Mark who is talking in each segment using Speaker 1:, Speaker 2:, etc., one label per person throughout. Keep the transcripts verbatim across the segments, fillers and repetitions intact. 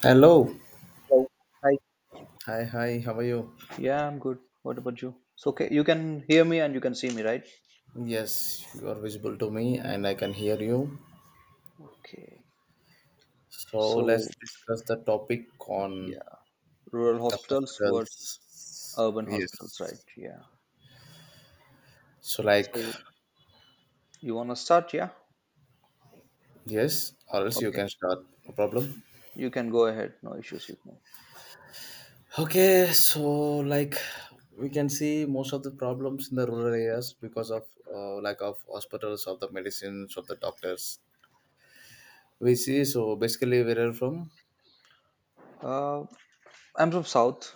Speaker 1: Hello.
Speaker 2: Hello. Hi.
Speaker 1: Hi, hi. How are you?
Speaker 2: Yeah, I'm good. What about you? So, okay, you can hear me and you can see me, right?
Speaker 1: Yes, you are visible to me and I can hear you.
Speaker 2: Okay.
Speaker 1: So
Speaker 2: So,
Speaker 1: let's discuss the topic
Speaker 2: yeah,
Speaker 1: on
Speaker 2: rural
Speaker 1: the
Speaker 2: hospitals versus
Speaker 1: hospitals.
Speaker 2: urban hospitals, right?
Speaker 1: Yes.
Speaker 2: Yeah.
Speaker 1: So, like,
Speaker 2: So, you want to start? Yeah.
Speaker 1: yes, or else you
Speaker 2: Okay.
Speaker 1: can start. No problem.
Speaker 2: You can go ahead. No issues with me.
Speaker 1: Okay, so like we can see most of the problems in the rural areas because of uh, lack of hospitals, of the medicines, of the doctors. We see, so basically, where are you from?
Speaker 2: Uh, I'm from South.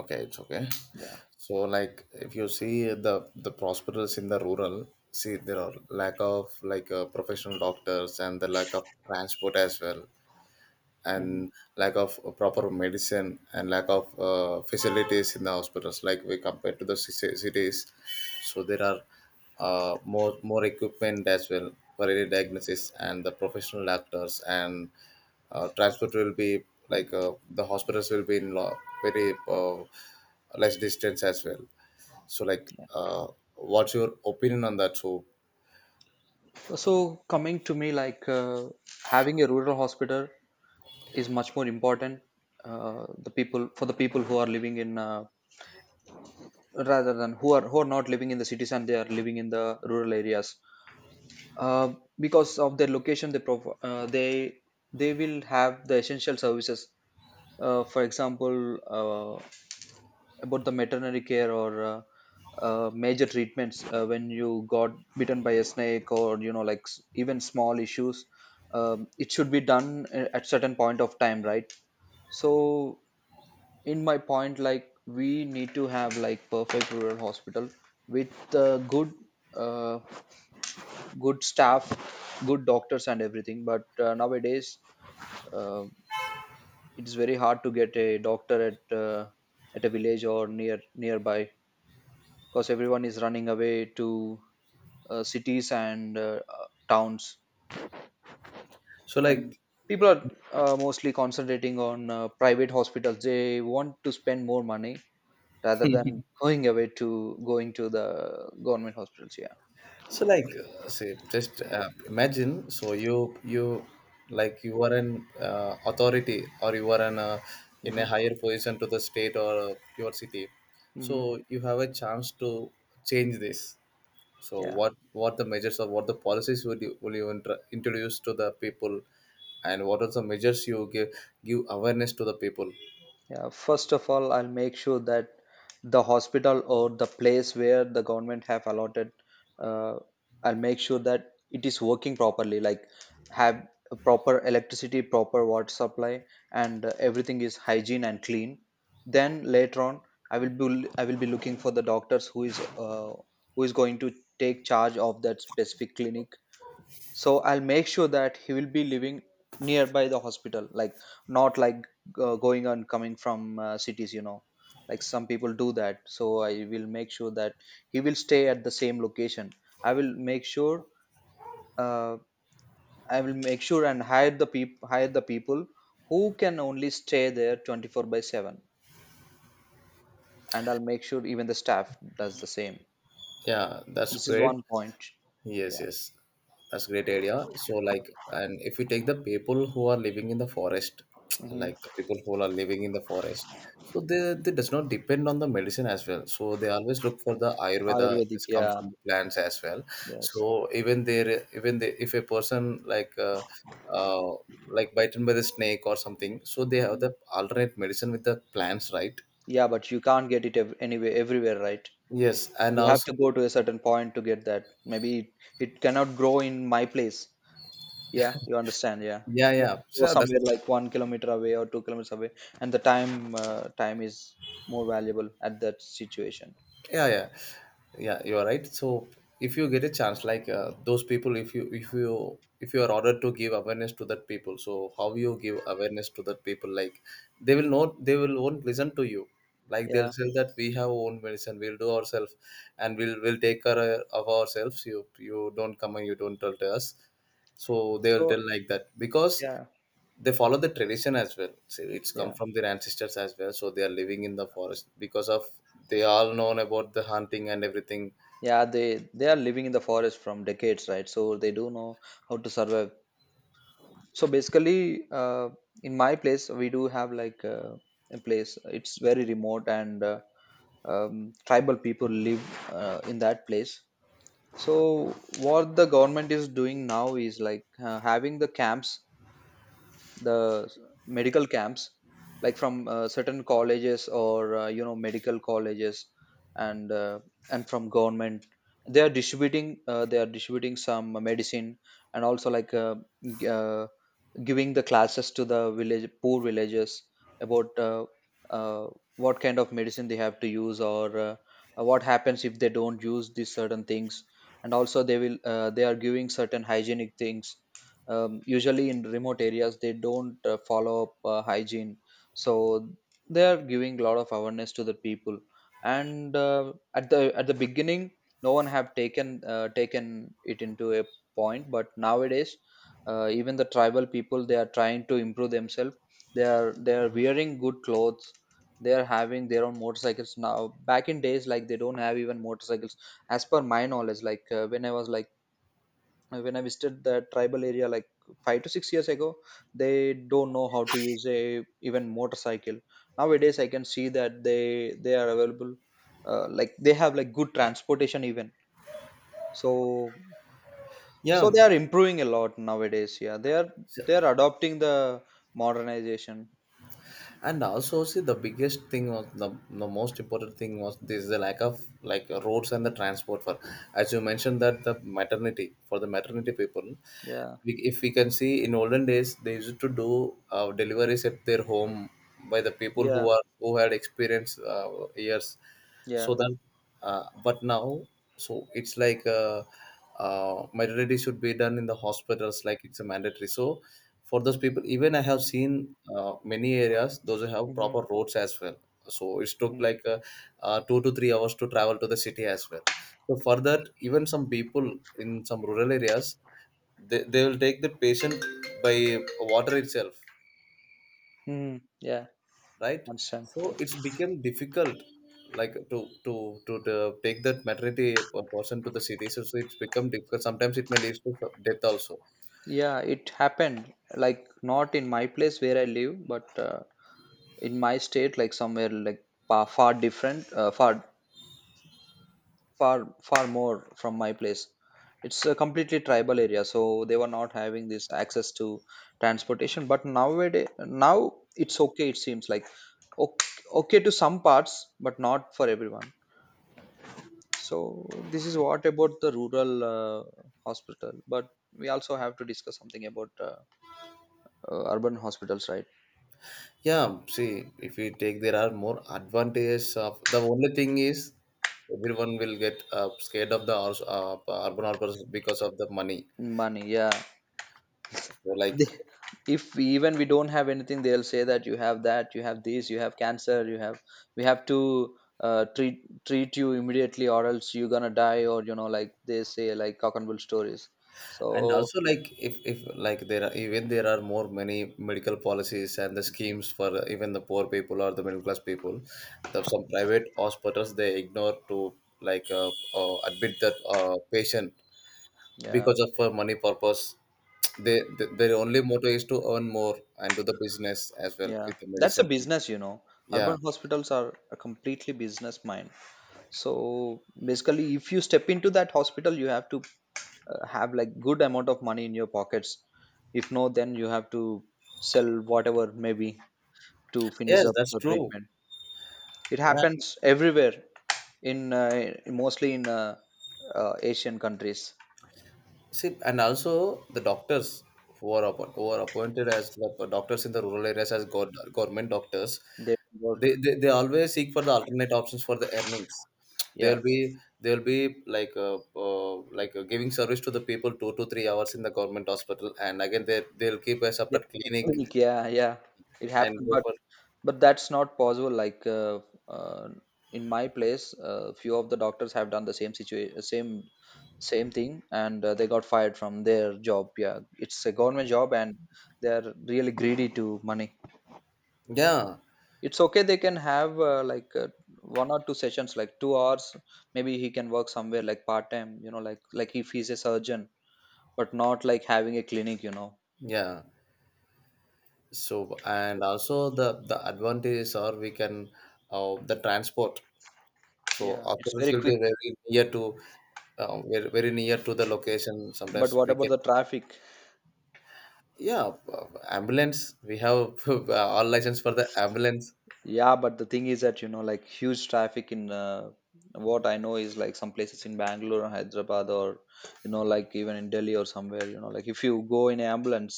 Speaker 1: Okay, it's okay.
Speaker 2: Yeah.
Speaker 1: So, like, if you see the the prosperous in the rural, see there are lack of like uh, professional doctors and the lack of transport as well,
Speaker 2: Hmm.
Speaker 1: and lack of uh, proper medicine and lack of uh, facilities in the hospitals. Like we compare to the ci- cities, so there are uh, more more equipment as well for early diagnosis and the professional doctors and uh, transport will be like uh, the hospitals will be in lo- very uh, less distance as well so like, uh, what's your opinion on that? So
Speaker 2: So, coming to me, like uh, having a rural hospital is much more important. Uh, the people for the people who are living in uh, rather than who are who are not living in the cities and they are living in the rural areas, uh, because of their location they prov- uh, they they will have the essential services, uh, for example, uh, about the veterinary care or uh, uh, major treatments uh, when you got bitten by a snake or you know like s- even small issues. Um, it should be done a- at certain point of time, right? So in my point, like, we need to have like perfect rural hospital with uh, good, uh, good staff, good doctors and everything. But uh, nowadays, uh, it's very hard to get a doctor at uh, at a village or near nearby, because everyone is running away to uh, cities and uh, uh, towns.
Speaker 1: so
Speaker 2: And
Speaker 1: like
Speaker 2: people are uh, mostly concentrating on uh, private hospitals. They want to spend more money rather than going away to going to the government hospitals. Yeah.
Speaker 1: So like uh, say just uh, imagine so you you like you are an uh, authority or you are an uh, in a
Speaker 2: Hmm.
Speaker 1: higher position to the state or uh, your city
Speaker 2: Hmm.
Speaker 1: so you have a chance to change this, so
Speaker 2: Yeah,
Speaker 1: what what the measures or what the policies would you, will you intra- introduce to the people, and what are the measures you give give awareness to the people.
Speaker 2: yeah, first of all I'll make sure that the hospital or the place where the government have allotted, uh, I'll make sure that it is working properly, like have a proper electricity, proper water supply, and uh, everything is hygiene and clean. Then later on, i will be I will be looking for the doctors who is, uh, who is going to take charge of that specific clinic. So I'll make sure that he will be living nearby the hospital, like not like uh, going and coming from uh, cities, you know, like some people do that. So I will make sure that he will stay at the same location. I will make sure, uh, I will make sure and hire the people hire the people who can only stay there twenty-four by seven. And I'll make sure even the staff does the same.
Speaker 1: Yeah, that's
Speaker 2: This is
Speaker 1: great.
Speaker 2: one point.
Speaker 1: Yes,
Speaker 2: Yeah.
Speaker 1: yes. That's great idea. So like, and if you take the people who are living in the forest,
Speaker 2: Hmm.
Speaker 1: like the people who are living in the forest, so they, they does not depend on the medicine as well. So they always look for the Ayurveda,
Speaker 2: Ayurvedic,
Speaker 1: this come
Speaker 2: yeah.
Speaker 1: from the plants as well.
Speaker 2: Yes.
Speaker 1: So even there even they, if a person like uh, uh, like bitten by the snake or something, so they have
Speaker 2: Mm-hmm.
Speaker 1: the alternate medicine with the plants, right?
Speaker 2: Yeah, but you can't get it ev- anyway everywhere, right?
Speaker 1: Yes, and
Speaker 2: You have
Speaker 1: also
Speaker 2: to go to a certain point to get that. Maybe it it cannot grow in my place. Yeah, you understand. Yeah,
Speaker 1: yeah, yeah.
Speaker 2: go
Speaker 1: So that's
Speaker 2: somewhere like one kilometer away or two kilometers away, and the time, uh, time is more valuable at that situation.
Speaker 1: yeah, yeah, yeah, you're right. So if you get a chance like uh, those people, if you if you if you are ordered to give awareness to that people, so how you give awareness to that people? Like, they will not they will won't listen to you, like they'll
Speaker 2: Yeah.
Speaker 1: say that we have our own medicine, we'll do ourselves, and we'll we'll take care of ourselves. You you don't come and you don't tell to us. So they will
Speaker 2: So
Speaker 1: tell like that, because
Speaker 2: yeah,
Speaker 1: they follow the tradition as well, so it's come
Speaker 2: yeah,
Speaker 1: from their ancestors as well, so they are living in the forest because of they all known about the hunting and everything.
Speaker 2: yeah. They they are living in the forest from decades, right? So they do know how to survive. So basically, uh, in my place, we do have like uh, a place. It's very remote, and uh, um, tribal people live uh, in that place. So what the government is doing now is like uh, having the camps, the s- medical camps, like from uh, certain colleges or uh, you know, medical colleges, and uh, and from government they are distributing uh, they are distributing some medicine, and also like uh, g- uh, giving the classes to the village poor villagers about uh, uh, what kind of medicine they have to use, or uh, what happens if they don't use these certain things. And also they will uh, they are giving certain hygienic things. Um, usually in remote areas they don't uh, follow up uh, hygiene, so they are giving a lot of awareness to the people. And uh, at the at the beginning no one have taken uh, taken it into a point, but nowadays uh, even the tribal people, they are trying to improve themselves. They are they are wearing good clothes, they are having their own motorcycles now. Back in days, like, they don't have even motorcycles. As per my knowledge, like uh, when I was like, uh, when I visited the tribal area, like, five to six years ago, they don't know how to use a even motorcycle. Nowadays, I can see that they they are available, uh, like they have like good transportation even. So so
Speaker 1: Yeah,
Speaker 2: they are improving a lot nowadays. Yeah, they are
Speaker 1: so
Speaker 2: they are adopting the modernization.
Speaker 1: and also see the biggest thing was the, the most important thing was this, the lack of like roads and the transport for, as you mentioned, that the maternity for the maternity
Speaker 2: Hmm.
Speaker 1: people,
Speaker 2: Yeah,
Speaker 1: we, if we can see, in olden days they used to do uh, deliveries at their home by the people
Speaker 2: yeah,
Speaker 1: who are who had experience uh, years, so
Speaker 2: yeah.
Speaker 1: that, uh, but now, so it's like uh, uh, maternity should be done in the hospitals, like it's a mandatory. So for those people, even I have seen uh, many areas those who have
Speaker 2: Hmm.
Speaker 1: proper roads as well, so it took
Speaker 2: Hmm.
Speaker 1: like uh, uh, two to three hours to travel to the city as well. So for that, even some people in some rural areas, they, they will take the patient by water itself,
Speaker 2: Hmm. Yeah,
Speaker 1: right?
Speaker 2: understand.
Speaker 1: So it's become difficult, like to to to, to take that maternity person to the city, so, so it's become difficult, sometimes it may lead to death also.
Speaker 2: Yeah, it happened like not in my place where I live, but uh, in my state, like, somewhere like far, far different, uh, far far far more from my place. It's a completely tribal area, so they were not having this access to transportation. But nowadays now it's okay, it seems like okay, okay to some parts but not for everyone. So this is what about the rural uh, hospital, but we also have to discuss something about uh, uh, urban hospitals, right?
Speaker 1: Yeah, see, if you take, there are more advantages, of the only thing is everyone will get uh, scared of the urs- uh, urban outbursts because of the money.
Speaker 2: Money, yeah.
Speaker 1: So like,
Speaker 2: They- if even we don't have anything, they'll say that you have that you have this, you have cancer, you have, we have to uh, treat treat you immediately or else you're gonna die, or you know, like they say like cock and bull stories. So
Speaker 1: and also like, if if like there are, even there are more, many medical policies and the schemes for uh, even the poor people or the middle class people. The, some private hospitals they ignore to like uh, uh, admit that uh, patient
Speaker 2: yeah,
Speaker 1: because of uh, money purpose. they, they their only motto is to earn more and do the business as well
Speaker 2: yeah,
Speaker 1: with the
Speaker 2: that's a
Speaker 1: medicine.
Speaker 2: business, you know. Urban
Speaker 1: Yeah,
Speaker 2: hospitals are a completely business mind. So basically if you step into that hospital you have to uh, have like good amount of money in your pockets. If no, then you have to sell whatever, maybe, to finish
Speaker 1: yes,
Speaker 2: up
Speaker 1: that's
Speaker 2: the
Speaker 1: true,
Speaker 2: treatment. It
Speaker 1: yeah.
Speaker 2: happens everywhere, in uh, mostly in uh, uh, Asian countries.
Speaker 1: See, and also the doctors who are, appo- who are appointed as the doctors in the rural areas as go government doctors,
Speaker 2: They
Speaker 1: they,
Speaker 2: work.
Speaker 1: they they always seek for the alternate options for the earnings.
Speaker 2: Yeah.
Speaker 1: They'll be they'll be like uh, uh, like uh, giving service to the people two to three hours in the government hospital, and again they they'll keep a
Speaker 2: They
Speaker 1: separate
Speaker 2: have a
Speaker 1: clinic
Speaker 2: clinic. Yeah. Yeah. It
Speaker 1: and
Speaker 2: happened,
Speaker 1: go
Speaker 2: but
Speaker 1: for,
Speaker 2: but that's not possible. Like uh, uh, in my place, uh, few of the doctors have done the same situation, same same thing, and uh, they got fired from their job. Yeah. It's a government job, and they are really greedy to money.
Speaker 1: yeah,
Speaker 2: It's okay, they can have uh, like uh, one or two sessions, like two hours. Maybe he can work somewhere like part time, you know, like like if he's a surgeon, but not like having a clinic, you know.
Speaker 1: yeah. So and also the the advantages are we can uh, the transport. So
Speaker 2: Yeah, it's
Speaker 1: hospitals
Speaker 2: very
Speaker 1: will be
Speaker 2: quick.
Speaker 1: very near to uh, very, very near to the location.
Speaker 2: But
Speaker 1: Sometimes
Speaker 2: what
Speaker 1: we
Speaker 2: about
Speaker 1: can,
Speaker 2: the traffic?
Speaker 1: yeah, uh, ambulance. We have all license for the ambulance,
Speaker 2: Yeah, but the thing is that you know, like, huge traffic in uh, what I know is like some places in Bangalore or Hyderabad, or you know, like, even in Delhi or somewhere. You know, like, if you go in an ambulance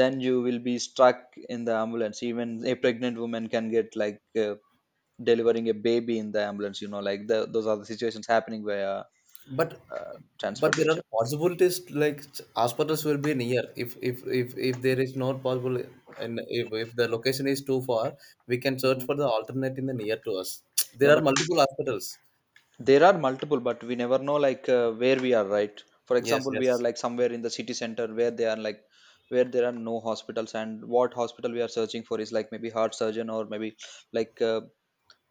Speaker 2: then you will be stuck in the ambulance. Even a pregnant woman can get like uh, delivering a baby in the ambulance. You know, like, the, those are the situations happening via
Speaker 1: but
Speaker 2: uh,
Speaker 1: but there are
Speaker 2: transportation.
Speaker 1: possibilities to, like hospitals will be near if, if if, if there is not possible, and if, if the location is too far, we can search
Speaker 2: Hmm.
Speaker 1: for the alternate in the near to us.
Speaker 2: Yeah,
Speaker 1: There are
Speaker 2: but
Speaker 1: multiple hospitals.
Speaker 2: there are multiple, but we never know like uh, where we are, right? For
Speaker 1: Yes,
Speaker 2: example, we are
Speaker 1: yes,
Speaker 2: like somewhere in the city center where they are like where there are no hospitals, and what hospital we are searching for is like maybe heart surgeon, or maybe like uh,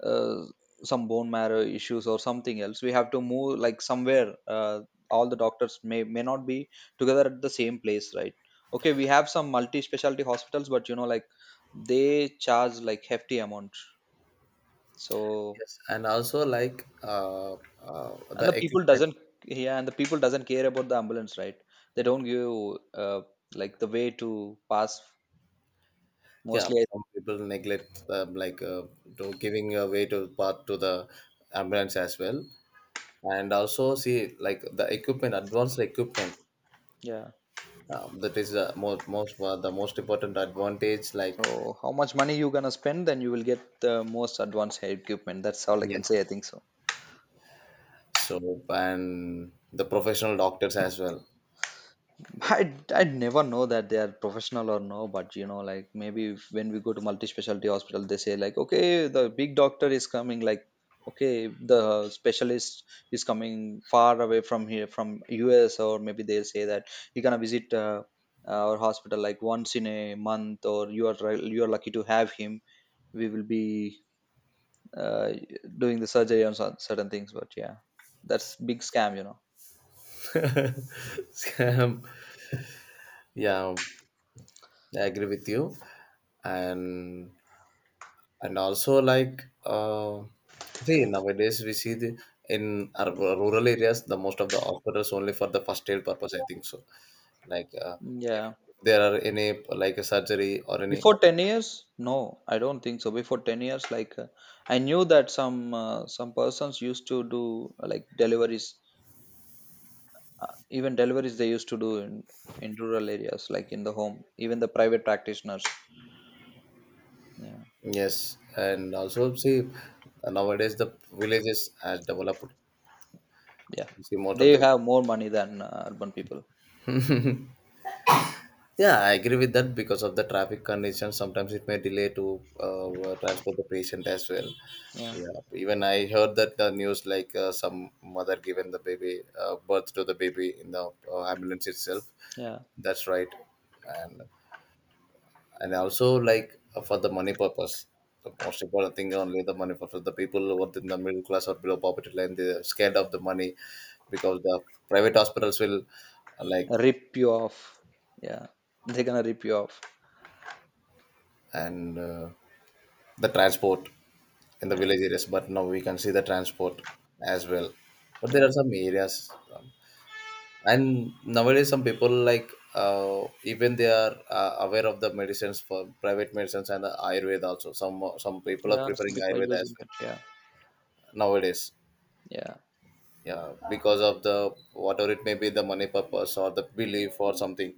Speaker 2: uh, some bone marrow issues or something else, we have to move like somewhere. Uh, all the doctors may may not be together at the same place, right? Okay, we have some multi specialty hospitals, but you know, like, they charge like hefty amount. So.
Speaker 1: yes, and also like uh, uh, the
Speaker 2: And the people
Speaker 1: equipment.
Speaker 2: doesn't, yeah, and the people doesn't care about the ambulance, right? They don't give, uh, like, the way to pass,
Speaker 1: Yeah,
Speaker 2: mostly.
Speaker 1: some people neglect um, like uh, to giving away to part to the ambulance as well, and also see like the equipment, advanced equipment.
Speaker 2: Yeah.
Speaker 1: Um, that is the most most uh, the most important advantage. Like,
Speaker 2: So how much money you gonna spend, then you will get the most advanced equipment. That's all I can
Speaker 1: yes,
Speaker 2: say, I think so.
Speaker 1: so and the professional doctors as well.
Speaker 2: I I never know that they are professional or no, but you know, like, maybe if- when we go to multi-specialty hospital, they say like, okay, the big doctor is coming, like, okay, the specialist is coming far away from here, from U S, or maybe they'll say that you're gonna visit uh, uh, our hospital like once in a month, or you are ri- you are lucky to have him. We will be uh, doing the surgery on cer- certain things, but yeah, that's big scam, you know.
Speaker 1: Yeah, I agree with you, and and also like uh, see nowadays we see the in our rural areas, the most of the hospitals only for the first aid purpose, I think so. Like uh, if
Speaker 2: Yeah.
Speaker 1: there are any like a surgery or any
Speaker 2: Before
Speaker 1: op-
Speaker 2: ten years? No, I don't think so. Before ten years, like uh, I knew that some uh, some persons used to do uh, like deliveries, uh, even deliveries they used to do in in rural areas, like in the home. Even the private practitioners, yeah,
Speaker 1: yes, and also see, nowadays the villages has developed,
Speaker 2: yeah,
Speaker 1: we see most of
Speaker 2: they
Speaker 1: the,
Speaker 2: have more money than uh, urban people.
Speaker 1: yeah, I agree with that because of the traffic conditions. Sometimes it may delay to uh, transport the patient as well.
Speaker 2: Yeah,
Speaker 1: Yeah, even I heard that the news like uh, some mother given the baby uh, birth to the baby in the uh, ambulance itself.
Speaker 2: yeah,
Speaker 1: That's right, and and also like uh, for the money purpose. The most important thing only the money purpose. The people who are in the middle class or below poverty line, they're scared of the money because the private hospitals will, uh, like,
Speaker 2: rip you off. Yeah, they're gonna rip you off.
Speaker 1: and uh, the transport in the
Speaker 2: Yeah,
Speaker 1: village areas. But now we can see the transport as well, but there
Speaker 2: yeah,
Speaker 1: are some areas, um, and nowadays some people like uh, even they are uh, aware of the medicines, for private medicines and the ayurveda also, some some people are
Speaker 2: yeah. Some
Speaker 1: preferring
Speaker 2: people are
Speaker 1: ayurveda as
Speaker 2: using that.
Speaker 1: well
Speaker 2: Yeah,
Speaker 1: nowadays.
Speaker 2: yeah.
Speaker 1: Yeah, because of the, whatever it may be, the money purpose or the belief or something,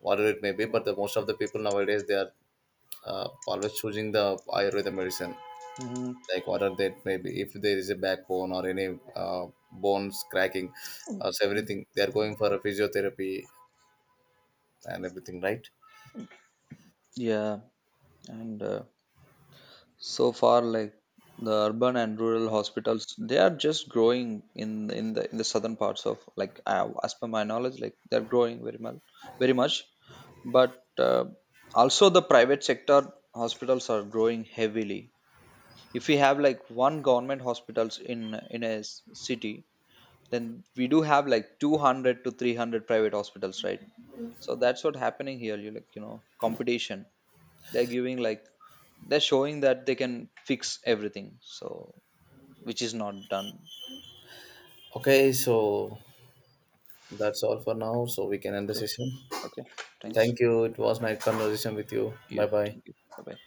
Speaker 1: whatever it may be, but the most of the people nowadays, they are uh, always choosing the ayurveda medicine.
Speaker 2: Hmm.
Speaker 1: Like, what are that, maybe if there is a backbone or any uh, bones cracking or everything, they are going for a physiotherapy and everything, right?
Speaker 2: Yeah, and uh, so far like the urban and rural hospitals they are just growing in in the in the southern parts of, like uh, as per my knowledge, like they're growing very much, very much but uh, also the private sector hospitals are growing heavily. If we have like one government hospitals in in a s- city, then we do have like two hundred to three hundred private hospitals, right? So that's what happening here, you like, you know, competition. They're giving like, they're showing that they can fix everything, so which is not done.
Speaker 1: Okay, so that's all for now, so we can end the
Speaker 2: Okay.
Speaker 1: session.
Speaker 2: Okay. Thanks.
Speaker 1: Thank you, it was nice conversation with you, bye
Speaker 2: You,
Speaker 1: bye.
Speaker 2: thank you, bye bye.